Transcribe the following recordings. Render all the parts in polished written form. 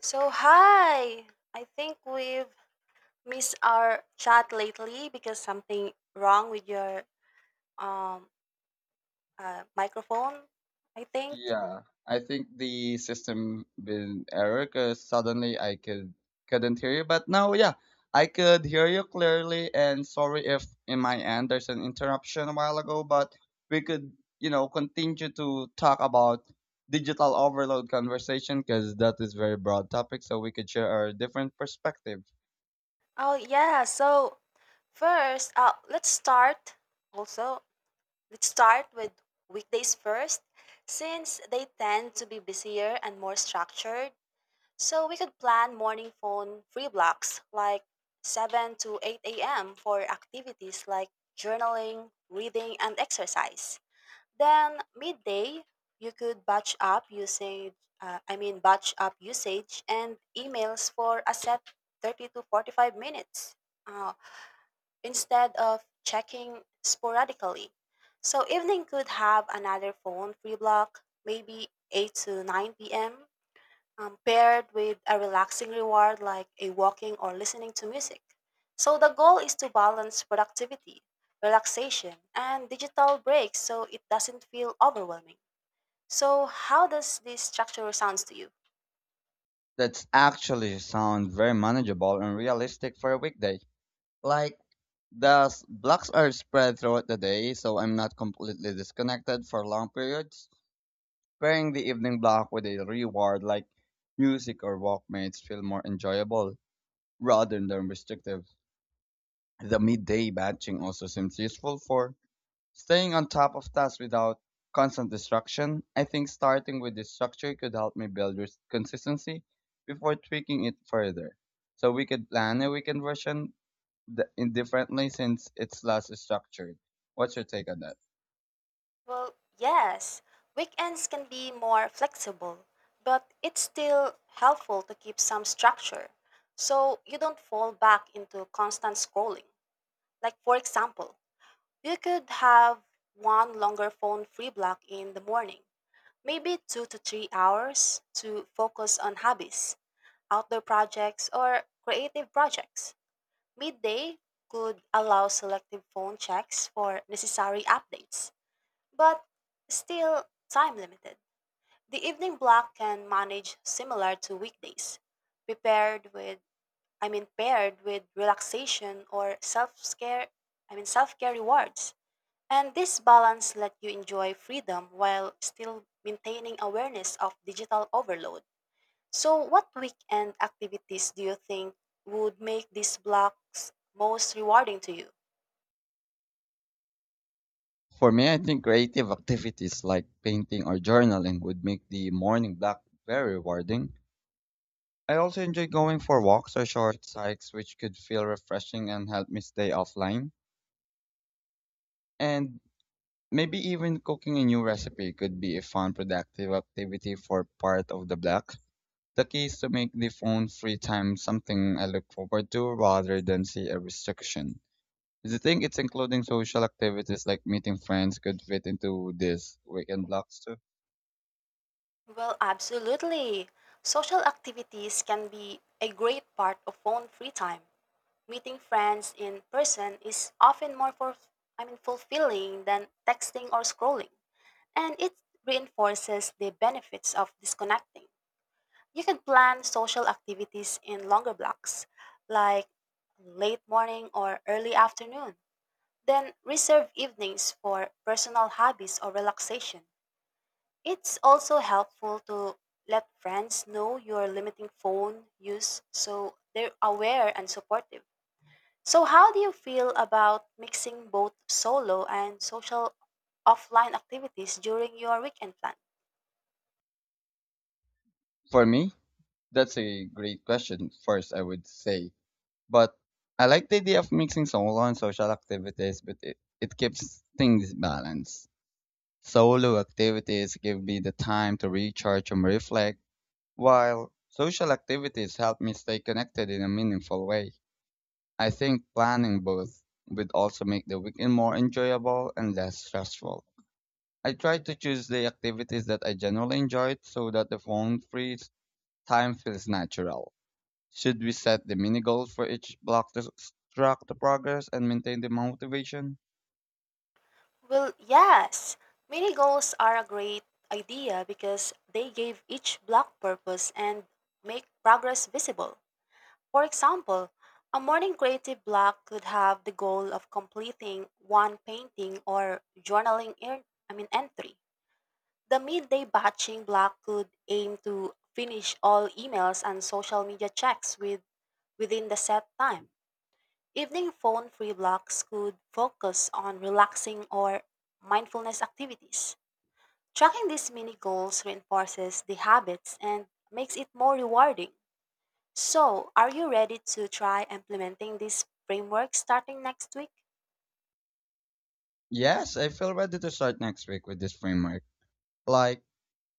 So, hi! I think we've missed our chat lately because something wrong with your um microphone, I think. Yeah, I think the system been error because suddenly I could couldn't hear you, but now yeah, I could hear you clearly. And sorry if in my end there's an interruption a while ago, but we could continue to talk about digital overload conversation because that is very broad topic, so we could share our different perspective. Oh, yeah. So, first, let's start also. Let's start with weekdays first, since they tend to be busier and more structured. So we could plan morning phone free blocks like 7 to 8 a.m. for activities like journaling, reading, and exercise. Then midday, you could batch up usage and emails for a set 30 to 45 minutes uh, instead of checking sporadically. So evening could have another phone free block, maybe 8 to 9 p.m paired with a relaxing reward like a walking or listening to music. So the goal is to balance productivity, relaxation, and digital breaks so it doesn't feel overwhelming. So how does this structure sounds to you? That's actually sound very manageable and realistic for a weekday. Like blocks are spread throughout the day, so I'm not completely disconnected for long periods. Pairing the evening block with a reward like music or walk makes feel more enjoyable rather than restrictive. The midday batching also seems useful for staying on top of tasks without constant distraction. I think starting with this structure could help me build consistency before tweaking it further. So we could plan a weekend version the, indifferently since it's less structured. What's your take on that? Well, yes, weekends can be more flexible, but it's still helpful to keep some structure so you don't fall back into constant scrolling. Like for example, you could have one longer phone free block in the morning, maybe 2 to 3 hours to focus on hobbies, outdoor projects, or creative projects. Midday could allow selective phone checks for necessary updates, but still time limited. The evening block can manage similar to weekdays, prepared with I mean paired with relaxation or self-care I mean self-care rewards. And this balance let you enjoy freedom while still maintaining awareness of digital overload. So, what weekend activities do you think would make these blocks most rewarding to you? For me, I think creative activities like painting or journaling would make the morning block very rewarding. I also enjoy going for walks or short hikes, which could feel refreshing and help me stay offline. And maybe even cooking a new recipe could be a fun, productive activity for part of the block. The key is to make the phone free time something I look forward to rather than see a restriction. Do you think it's including social activities like meeting friends could fit into this weekend blocks too? Well, absolutely. Social activities can be a great part of phone free time. Meeting friends in person is often more for, I mean, fulfilling than texting or scrolling, and it reinforces the benefits of disconnecting. You can plan social activities in longer blocks, like late morning or early afternoon. Then reserve evenings for personal hobbies or relaxation. It's also helpful to let friends know you're limiting phone use so they're aware and supportive. So, how do you feel about mixing both solo and social offline activities during your weekend plans? For me, that's a great question, first, I would say. But I like the idea of mixing solo and social activities, but it keeps things balanced. Solo activities give me the time to recharge and reflect, while social activities help me stay connected in a meaningful way. I think planning both would also make the weekend more enjoyable and less stressful. I try to choose the activities that I generally enjoy so that the phone free time feels natural. Should we set the mini goals for each block to track the progress and maintain the motivation? Well, yes, mini goals are a great idea because they give each block purpose and make progress visible. For example, a morning creative block could have the goal of completing one painting or journaling I mean entry. The midday batching block could aim to finish all emails and social media checks within the set time. Evening phone free blocks could focus on relaxing or mindfulness activities. Tracking these mini goals reinforces the habits and makes it more rewarding. So, are you ready to try implementing this framework starting next week? Yes, I feel ready to start next week with this framework. Like,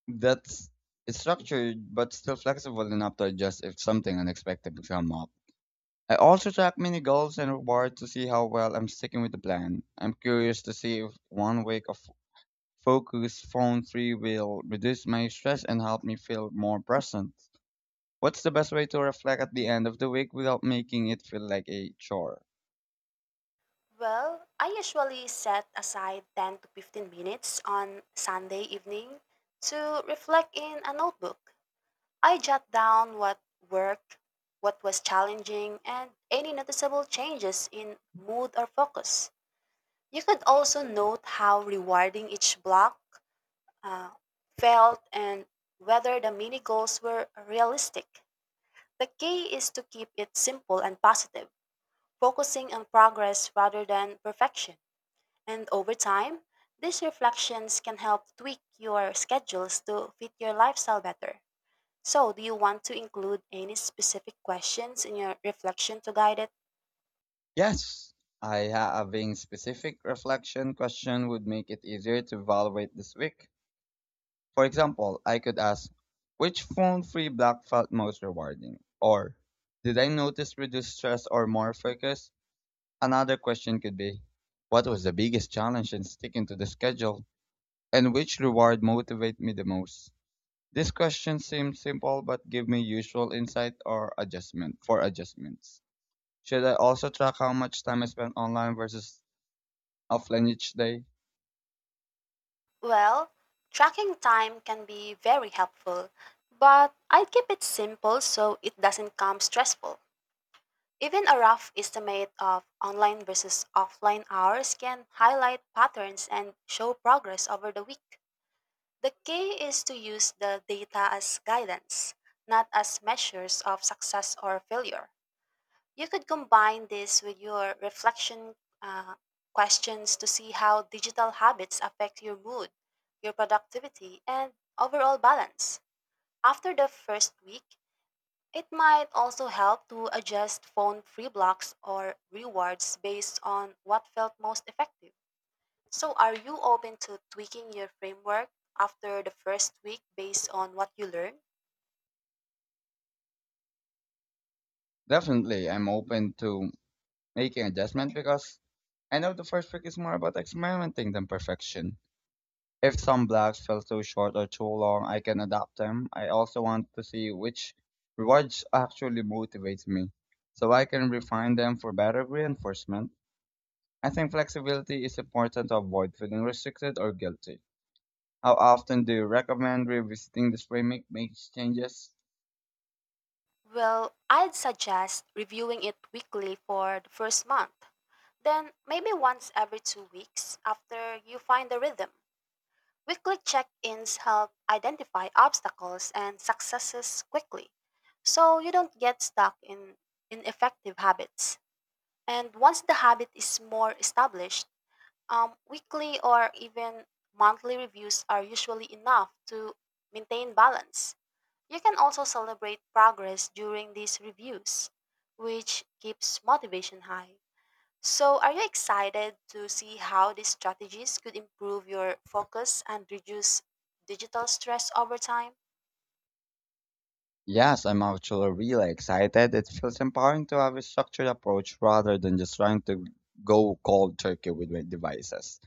that's it's structured but still flexible enough to adjust if something unexpected comes up. I also track mini goals and rewards to see how well I'm sticking with the plan. I'm curious to see if one week of Focus Phone free will reduce my stress and help me feel more present. What's the best way to reflect at the end of the week without making it feel like a chore? Well, I usually set aside 10 to 15 minutes on Sunday evening to reflect in a notebook. I jot down what worked, what was challenging, and any noticeable changes in mood or focus. You could also note how rewarding each block uh, felt and whether the mini goals were realistic. The key is to keep it simple and positive, focusing on progress rather than perfection. And over time, these reflections can help tweak your schedules to fit your lifestyle better. So, do you want to include any specific questions in your reflection to guide it? Yes, I having specific reflection question would make it easier to evaluate this week. For example, I could ask, which phone free block felt most rewarding? Or, did I notice reduced stress or more focus? Another question could be, what was the biggest challenge in sticking to the schedule? And which reward motivate me the most? This question seems simple but give me useful insight or adjustment for adjustments. Should I also track how much time I spend online versus offline each day? Well, tracking time can be very helpful, but I keep it simple so it doesn't come stressful. Even a rough estimate of online versus offline hours can highlight patterns and show progress over the week. The key is to use the data as guidance, not as measures of success or failure. You could combine this with your reflection uh, questions to see how digital habits affect your mood, your productivity, and overall balance. After the first week, it might also help to adjust phone free blocks or rewards based on what felt most effective. So, are you open to tweaking your framework after the first week based on what you learn? Definitely, I'm open to making adjustment because I know the first week is more about experimenting than perfection. If some blocks fell too short or too long, I can adapt them. I also want to see which rewards actually motivates me so I can refine them for better reinforcement. I think flexibility is important to avoid feeling restricted or guilty. How often do you recommend revisiting this framework, make changes? Well, I'd suggest reviewing it weekly for the first month. Then maybe once every 2 weeks after you find the rhythm. Weekly check ins help identify obstacles and successes quickly so you don't get stuck in ineffective habits. And once the habit is more established, weekly or even monthly reviews are usually enough to maintain balance. You can also celebrate progress during these reviews, which keeps motivation high. So, are you excited to see how these strategies could improve your focus and reduce digital stress over time? Yes, I'm actually really excited. It feels empowering to have a structured approach rather than just trying to go cold turkey with my devices.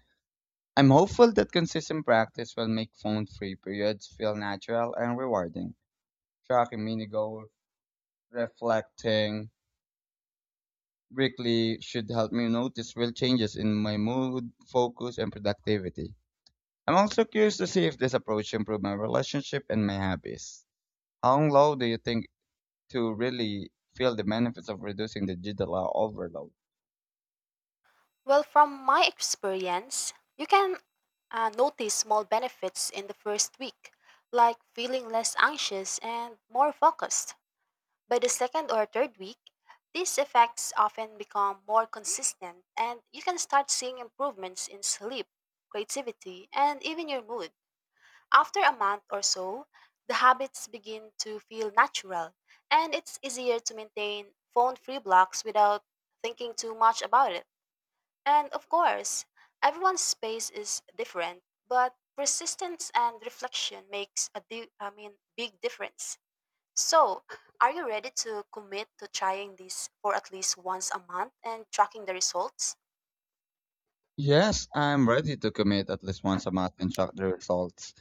I'm hopeful that consistent practice will make phone free periods feel natural and rewarding. Tracking mini goals, reflecting weekly should help me notice real changes in my mood, focus, and productivity. I'm also curious to see if this approach improved my relationship and my habits. How low do you think to really feel the benefits of reducing the digital overload? Well, from my experience, you can notice small benefits in the first week, like feeling less anxious and more focused. By the second or third week, these effects often become more consistent, and you can start seeing improvements in sleep, creativity, and even your mood. After a month or so, the habits begin to feel natural, and it's easier to maintain phone free blocks without thinking too much about it. And of course, everyone's space is different, but persistence and reflection makes a big difference. So, are you ready to commit to trying this for at least once a month and tracking the results? Yes, I'm ready to commit at least once a month and track the results.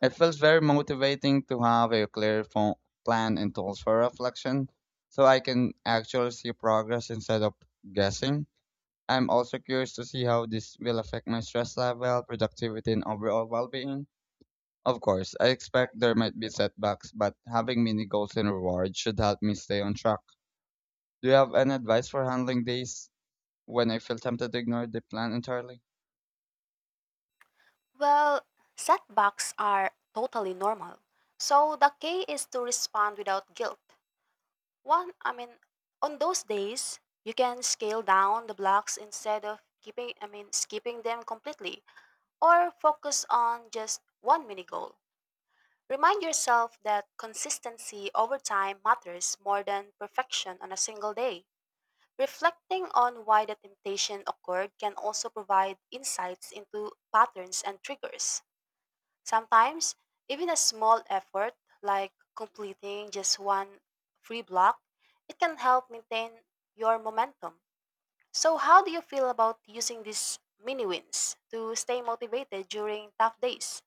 It feels very motivating to have a clear plan and tools for reflection so I can actually see progress instead of guessing. I'm also curious to see how this will affect my stress level, productivity, and overall well being. Of course, I expect there might be setbacks, but having mini goals and rewards should help me stay on track. Do you have any advice for handling days when I feel tempted to ignore the plan entirely? Well, setbacks are totally normal. So the key is to respond without guilt. One, I mean, on those days, you can scale down the blocks instead of skipping them completely or focus on just one mini goal. Remind yourself that consistency over time matters more than perfection on a single day. Reflecting on why the temptation occurred can also provide insights into patterns and triggers. Sometimes, even a small effort like completing just one free block, it can help maintain your momentum. So, how do you feel about using these mini wins to stay motivated during tough days?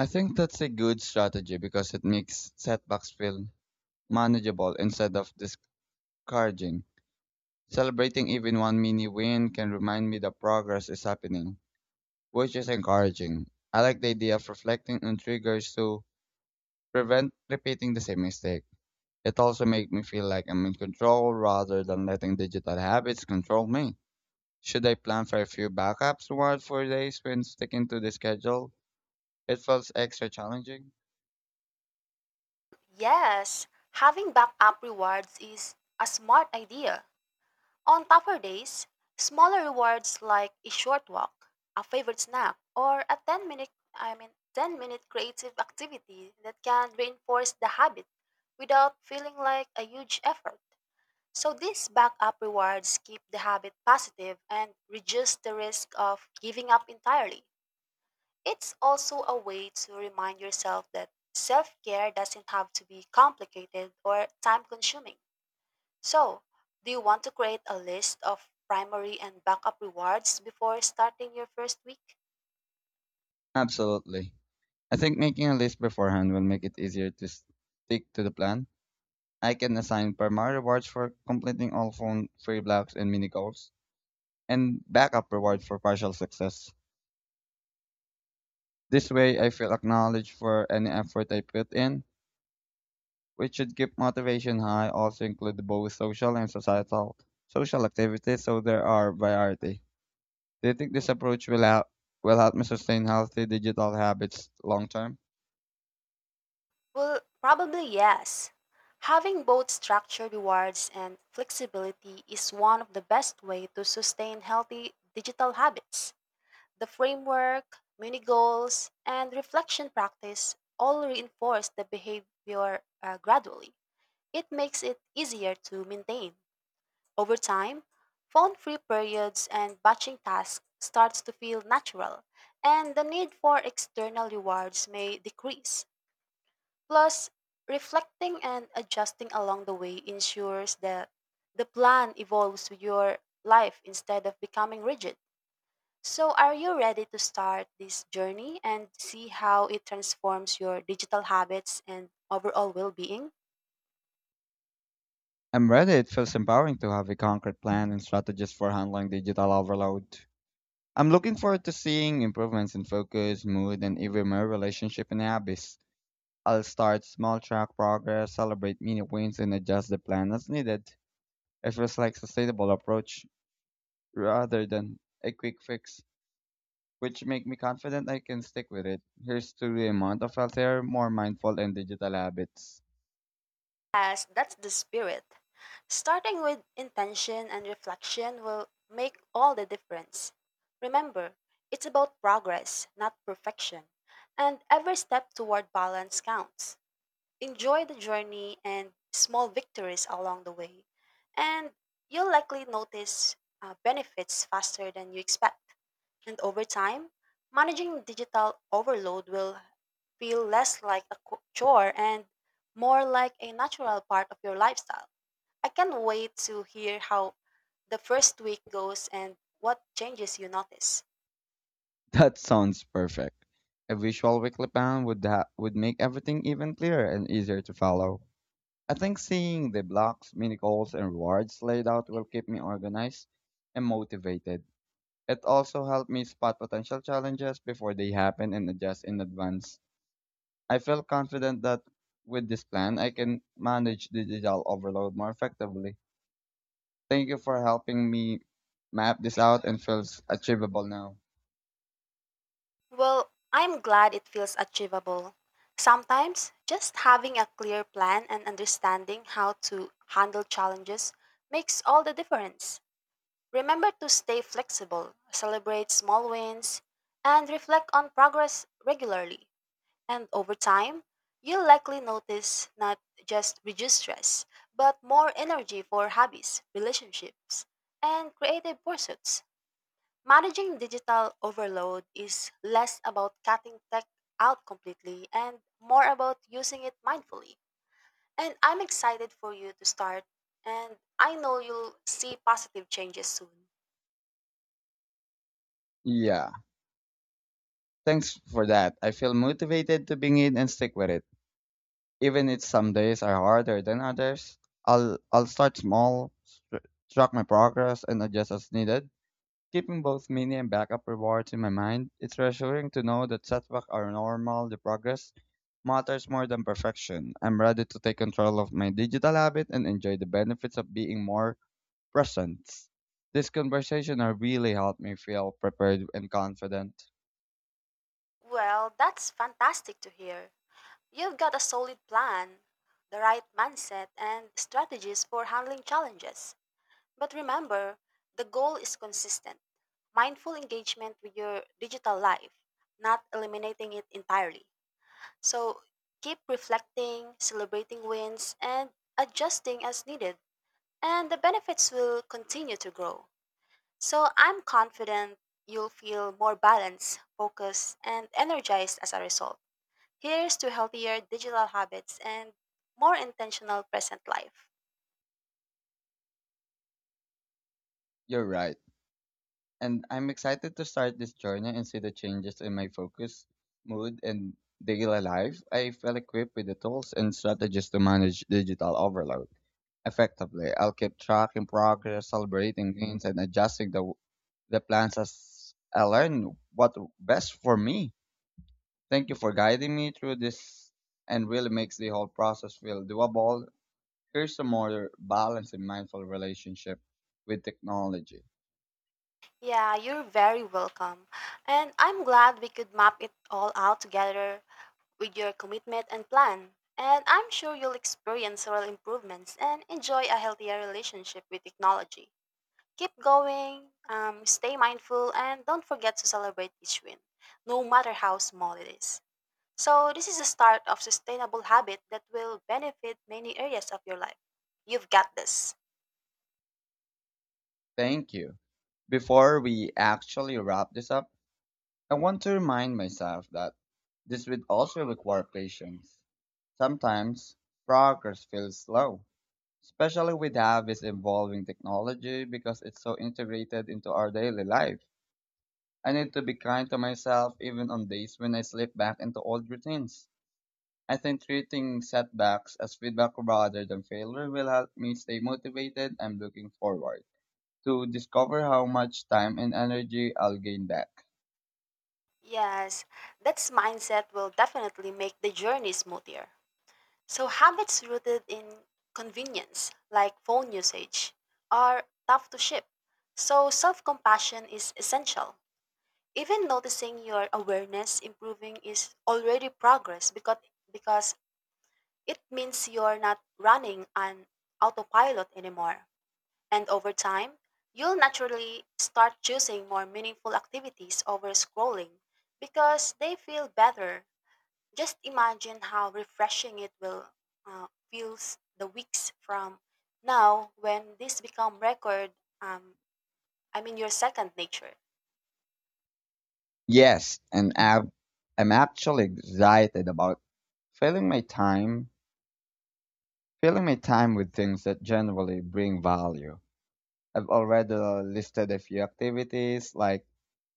I think that's a good strategy because it makes setbacks feel manageable instead of discouraging. Celebrating even one mini win can remind me that progress is happening, which is encouraging. I like the idea of reflecting on triggers to prevent repeating the same mistake. It also makes me feel like I'm in control rather than letting digital habits control me. Should I plan for a few backups once for days when sticking to the schedule? It feels extra challenging. Yes, having backup rewards is a smart idea. On tougher days, smaller rewards like a short walk, a favorite snack, or a 10 minute creative activity that can reinforce the habit without feeling like a huge effort. So these backup rewards keep the habit positive and reduce the risk of giving up entirely. It's also a way to remind yourself that self-care doesn't have to be complicated or time-consuming. So, do you want to create a list of primary and backup rewards before starting your first week? Absolutely. I think making a list beforehand will make it easier to stick to the plan. I can assign primary rewards for completing all phone free blocks and mini goals, and backup rewards for partial success. This way, I feel acknowledged for any effort I put in which should keep motivation high, also include both social and societal social activities so there are variety. Do you think this approach will help me sustain healthy digital habits long term? Well, probably yes. Having both structured rewards and flexibility is one of the best way to sustain healthy digital habits. The framework, mini goals, and reflection practice all reinforce the behavior gradually. It makes it easier to maintain. Over time, phone-free periods and batching tasks starts to feel natural, and the need for external rewards may decrease. Plus, reflecting and adjusting along the way ensures that the plan evolves with your life instead of becoming rigid. So, are you ready to start this journey and see how it transforms your digital habits and overall well-being? I'm ready. It feels empowering to have a concrete plan and strategies for handling digital overload. I'm looking forward to seeing improvements in focus, mood, and even my relationship and habits. I'll start small, track progress, celebrate mini wins, and adjust the plan as needed. It feels like sustainable approach rather than a quick fix, which make me confident I can stick with it. Here's to the amount of healthier, more mindful, and digital habits. As that's the spirit. Starting with intention and reflection will make all the difference. Remember, it's about progress, not perfection, and every step toward balance counts. Enjoy the journey and small victories along the way, and you'll likely notice benefits faster than you expect. And over time, managing digital overload will feel less like a chore and more like a natural part of your lifestyle. I can't wait to hear how the first week goes and what changes you notice. That sounds perfect. A visual weekly plan would would make everything even clearer and easier to follow. I think seeing the blocks, mini goals, and rewards laid out will keep me organized and motivated. It also helped me spot potential challenges before they happen and adjust in advance. I felt confident that with this plan, I can manage digital overload more effectively. Thank you for helping me map this out and feels achievable now. Well, I'm glad it feels achievable. Sometimes just having a clear plan and understanding how to handle challenges makes all the difference. Remember to stay flexible, celebrate small wins, and reflect on progress regularly. And over time, you'll likely notice not just reduced stress, but more energy for hobbies, relationships, and creative pursuits. Managing digital overload is less about cutting tech out completely and more about using it mindfully. And I'm excited for you to start, and I know you'll see positive changes soon. Yeah, thanks for that. I feel motivated to begin and stick with it. Even if some days are harder than others, I'll start small, track my progress, and adjust as needed. Keeping both mini and backup rewards in my mind, it's reassuring to know that setbacks are normal. The progress matters more than perfection. I'm ready to take control of my digital habit and enjoy the benefits of being more present. This conversation has really helped me feel prepared and confident. Well, that's fantastic to hear. You've got a solid plan, the right mindset, and strategies for handling challenges. But remember, the goal is consistent mindful engagement with your digital life, not eliminating it entirely. So keep reflecting, celebrating wins, and adjusting as needed. And the benefits will continue to grow. So I'm confident you'll feel more balanced, focused, and energized as a result. Here's to healthier digital habits and more intentional present life. You're right, and I'm excited to start this journey and see the changes in my focus, mood, and daily life. I feel equipped with the tools and strategies to manage digital overload effectively. I'll keep tracking progress, celebrating gains, and adjusting the plans as I learn what best for me. Thank you for guiding me through this and really makes the whole process feel doable. Here's a more balanced and mindful relationship with technology. Yeah, you're very welcome. And I'm glad we could map it all out together with your commitment and plan. And I'm sure you'll experience real improvements and enjoy a healthier relationship with technology. Keep going, stay mindful, and don't forget to celebrate each win, no matter how small it is. So, this is the start of sustainable habit that will benefit many areas of your life. You've got this. Thank you. Before we actually wrap this up, I want to remind myself that this would also require patience. Sometimes progress feels slow, especially with how this evolving technology because it's so integrated into our daily life. I need to be kind to myself even on days when I slip back into old routines. I think treating setbacks as feedback rather than failure will help me stay motivated and looking forward to discover how much time and energy I'll gain back. Yes, that mindset will definitely make the journey smoother. So, habits rooted in convenience, like phone usage, are tough to shift. So, self compassion is essential. Even noticing your awareness improving is already progress because it means you're not running on autopilot anymore. And over time, you'll naturally start choosing more meaningful activities over scrolling because they feel better. Just imagine how refreshing it will feels the weeks from now when this become record. Um, I mean your second nature. Yes, and I'm, I'm actually excited about filling my time, filling my time with things that generally bring value. I've already listed a few activities like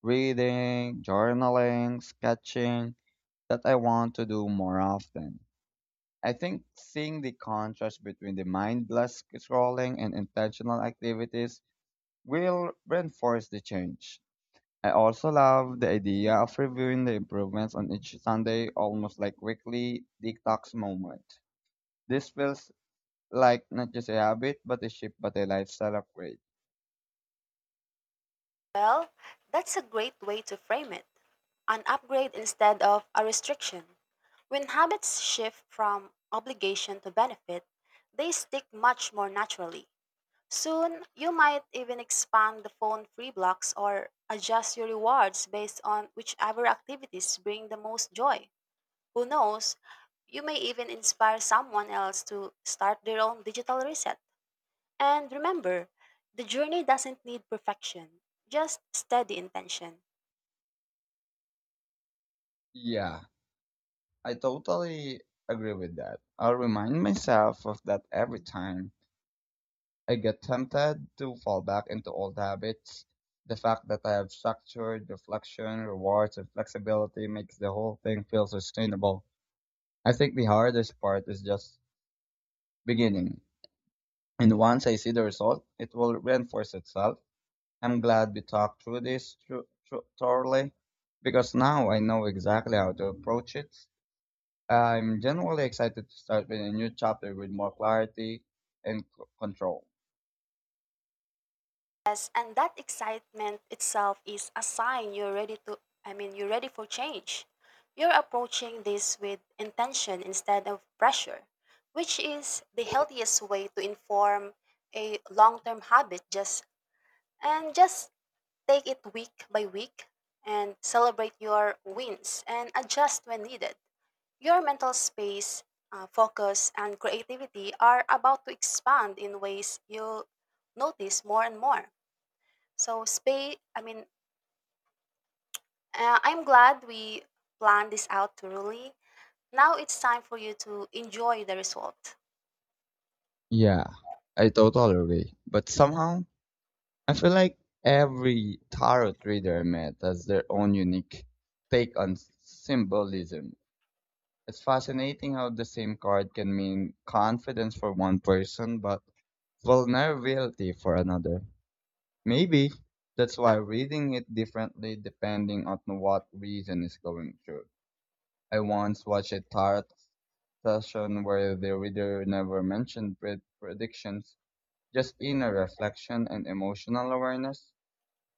reading, journaling, sketching that I want to do more often. I think seeing the contrast between the mindless scrolling and intentional activities will reinforce the change. I also love the idea of reviewing the improvements on each Sunday, almost like weekly detox moment. This feels like not just a habit, but a shift, but a lifestyle upgrade. Well, that's a great way to frame it. An upgrade instead of a restriction. When habits shift from obligation to benefit, they stick much more naturally. Soon, you might even expand the phone free blocks or adjust your rewards based on whichever activities bring the most joy. Who knows? You may even inspire someone else to start their own digital reset. And remember, the journey doesn't need perfection, just steady intention. Yeah, I totally agree with that. I will remind myself of that every time I get tempted to fall back into old habits. The fact that I have structured reflection, rewards, and flexibility makes the whole thing feel sustainable. I think the hardest part is just beginning. And once I see the result, it will reinforce itself. I'm glad we talked through this thoroughly because now I know exactly how to approach it. I'm genuinely excited to start with a new chapter with more clarity and control. Yes, and that excitement itself is a sign you're ready to, I mean, you're ready for change. You're approaching this with intention instead of pressure, which is the healthiest way to inform a long term habit just and just take it week by week and celebrate your wins and adjust when needed. Your mental space, focus, and creativity are about to expand in ways you'll notice more and more. So, I'm glad we planned this out thoroughly. Now it's time for you to enjoy the result. Yeah, I totally agree. But somehow, I feel like every tarot reader I met has their own unique take on symbolism. It's fascinating how the same card can mean confidence for one person but vulnerability for another. Maybe that's why reading it differently depending on what reason is going through. I once watched a tarot session where the reader never mentioned predictions, just inner reflection and emotional awareness.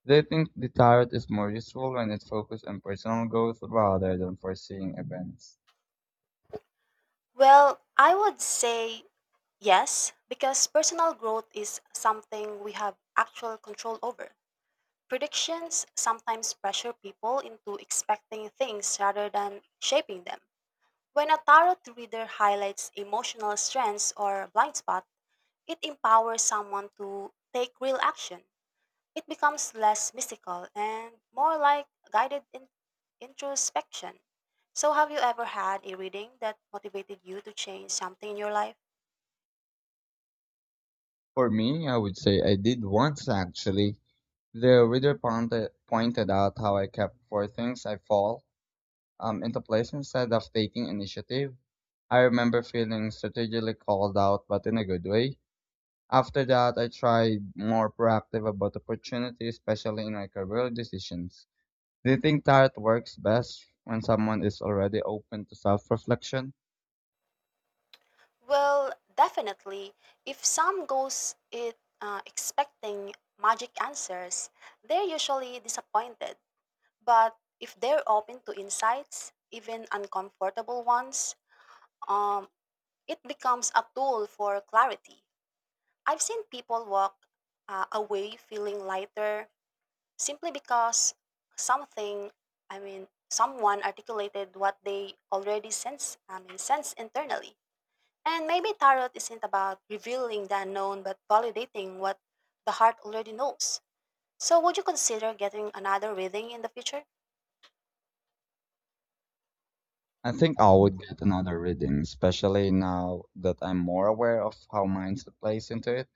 They think the tarot is more useful when it focuses on personal growth rather than foreseeing events. Well, I would say yes, because personal growth is something we have actual control over. Predictions sometimes pressure people into expecting things rather than shaping them. When a tarot reader highlights emotional strengths or blind spot, it empowers someone to take real action. It becomes less mystical and more like guided introspection. So, have you ever had a reading that motivated you to change something in your life? For me, I would say I did once actually. The reader pointed out how I kept four things I fall into place instead of taking initiative. I remember feeling strategically called out, but in a good way. After that, I tried more proactive about opportunities, especially in my career decisions. Do you think that works best when someone is already open to self reflection? Well, definitely. If some goes it expecting magic answers, they're usually disappointed. But if they're open to insights, even uncomfortable ones, um, it becomes a tool for clarity. I've seen people walk away feeling lighter simply because something, someone articulated what they already sense internally. And maybe tarot isn't about revealing the unknown but validating what the heart already knows. So, would you consider getting another reading in the future? I think I would get another reading, especially now that I'm more aware of how mind plays into it.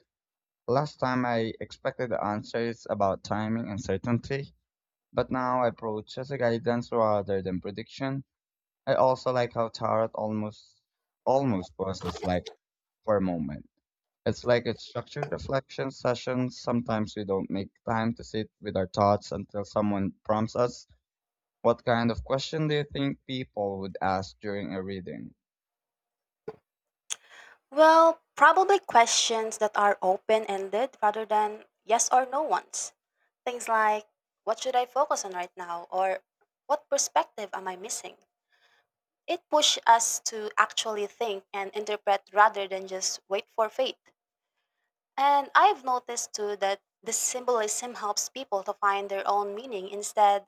Last time I expected answers about timing and certainty, but now I approach as a guidance rather than prediction. I also like how tarot almost pauses like for a moment. It's like a structured reflection session. Sometimes we don't make time to sit with our thoughts until someone prompts us. What kind of question do you think people would ask during a reading? Well, probably questions that are open ended rather than yes or no ones. Things like, what should I focus on right now? Or what perspective am I missing? It pushes us to actually think and interpret rather than just wait for fate. And I've noticed too that the symbolism helps people to find their own meaning instead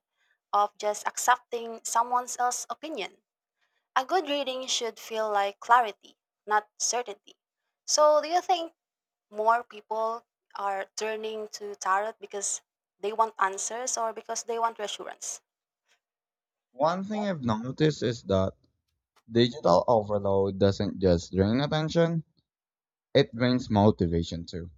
of just accepting someone else's opinion. A good reading should feel like clarity, not certainty. So, do you think more people are turning to tarot because they want answers or because they want reassurance? One thing I've noticed is that digital overload doesn't just drain attention, it drains motivation too.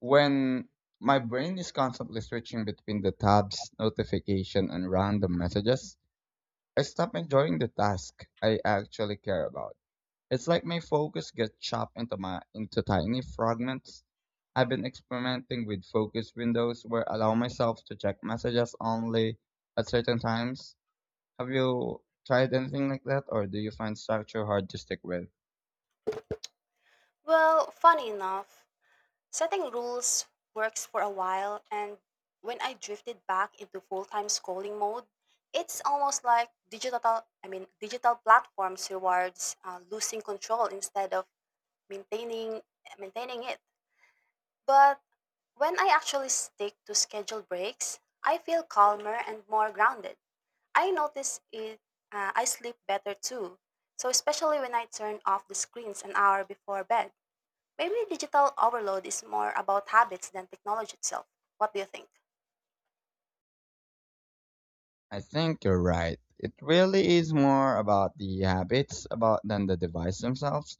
When my brain is constantly switching between the tabs, notification, and random messages, I stop enjoying the task I actually care about. It's like my focus gets chopped into tiny fragments. I've been experimenting with focus windows where I allow myself to check messages only at certain times. Have you tried anything like that, or do you find structure hard to stick with? Well, funny enough, setting rules works for a while, and when I drifted back into full time schooling mode, it's almost like digital platforms rewards losing control instead of maintaining, maintaining it. But when I actually stick to scheduled breaks, I feel calmer and more grounded. I notice it, I sleep better too. So, especially when I turn off the screens an hour before bed. Maybe digital overload is more about habits than technology itself. What do you think? I think you're right. It really is more about the habits about than the device themselves.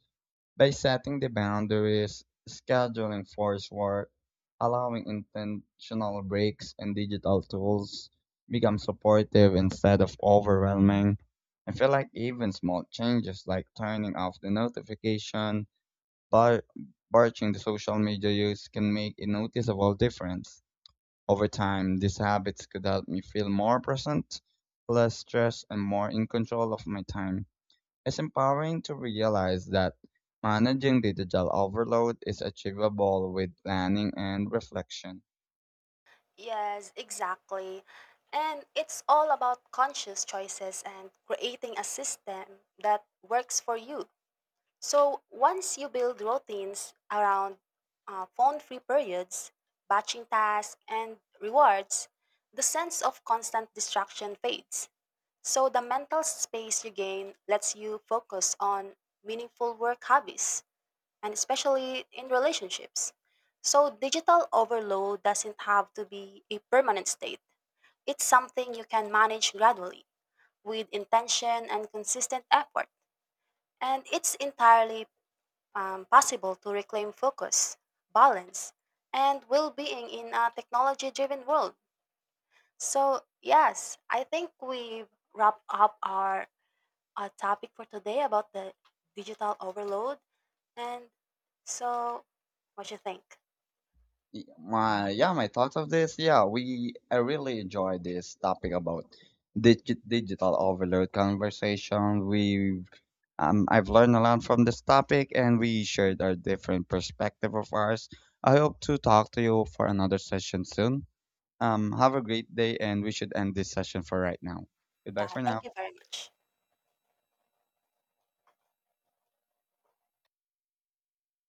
By setting the boundaries, scheduling forced work, allowing intentional breaks, and digital tools become supportive instead of overwhelming. I feel like even small changes like turning off the notification barring the social media use can make a noticeable difference. Over time, these habits could help me feel more present, less stressed, and more in control of my time. It's empowering to realize that managing digital overload is achievable with planning and reflection. Yes, exactly. And it's all about conscious choices and creating a system that works for you. So once you build routines around phone free periods, batching tasks, and rewards, the sense of constant distraction fades. So the mental space you gain lets you focus on meaningful work hobbies and especially in relationships. So, digital overload doesn't have to be a permanent state. It's something you can manage gradually with intention and consistent effort. And it's entirely possible to reclaim focus, balance, and well being in a technology driven world. So, yes, I think we've wrapped up our topic for today about the digital overload. And so, what you think? My thoughts of this. Yeah, we I really enjoy this topic about digital overload conversation. We I've learned a lot from this topic, and we shared our different perspective of ours. I hope to talk to you for another session soon. Have a great day, and we should end this session for right now. Goodbye Yeah, for thank now. you very much.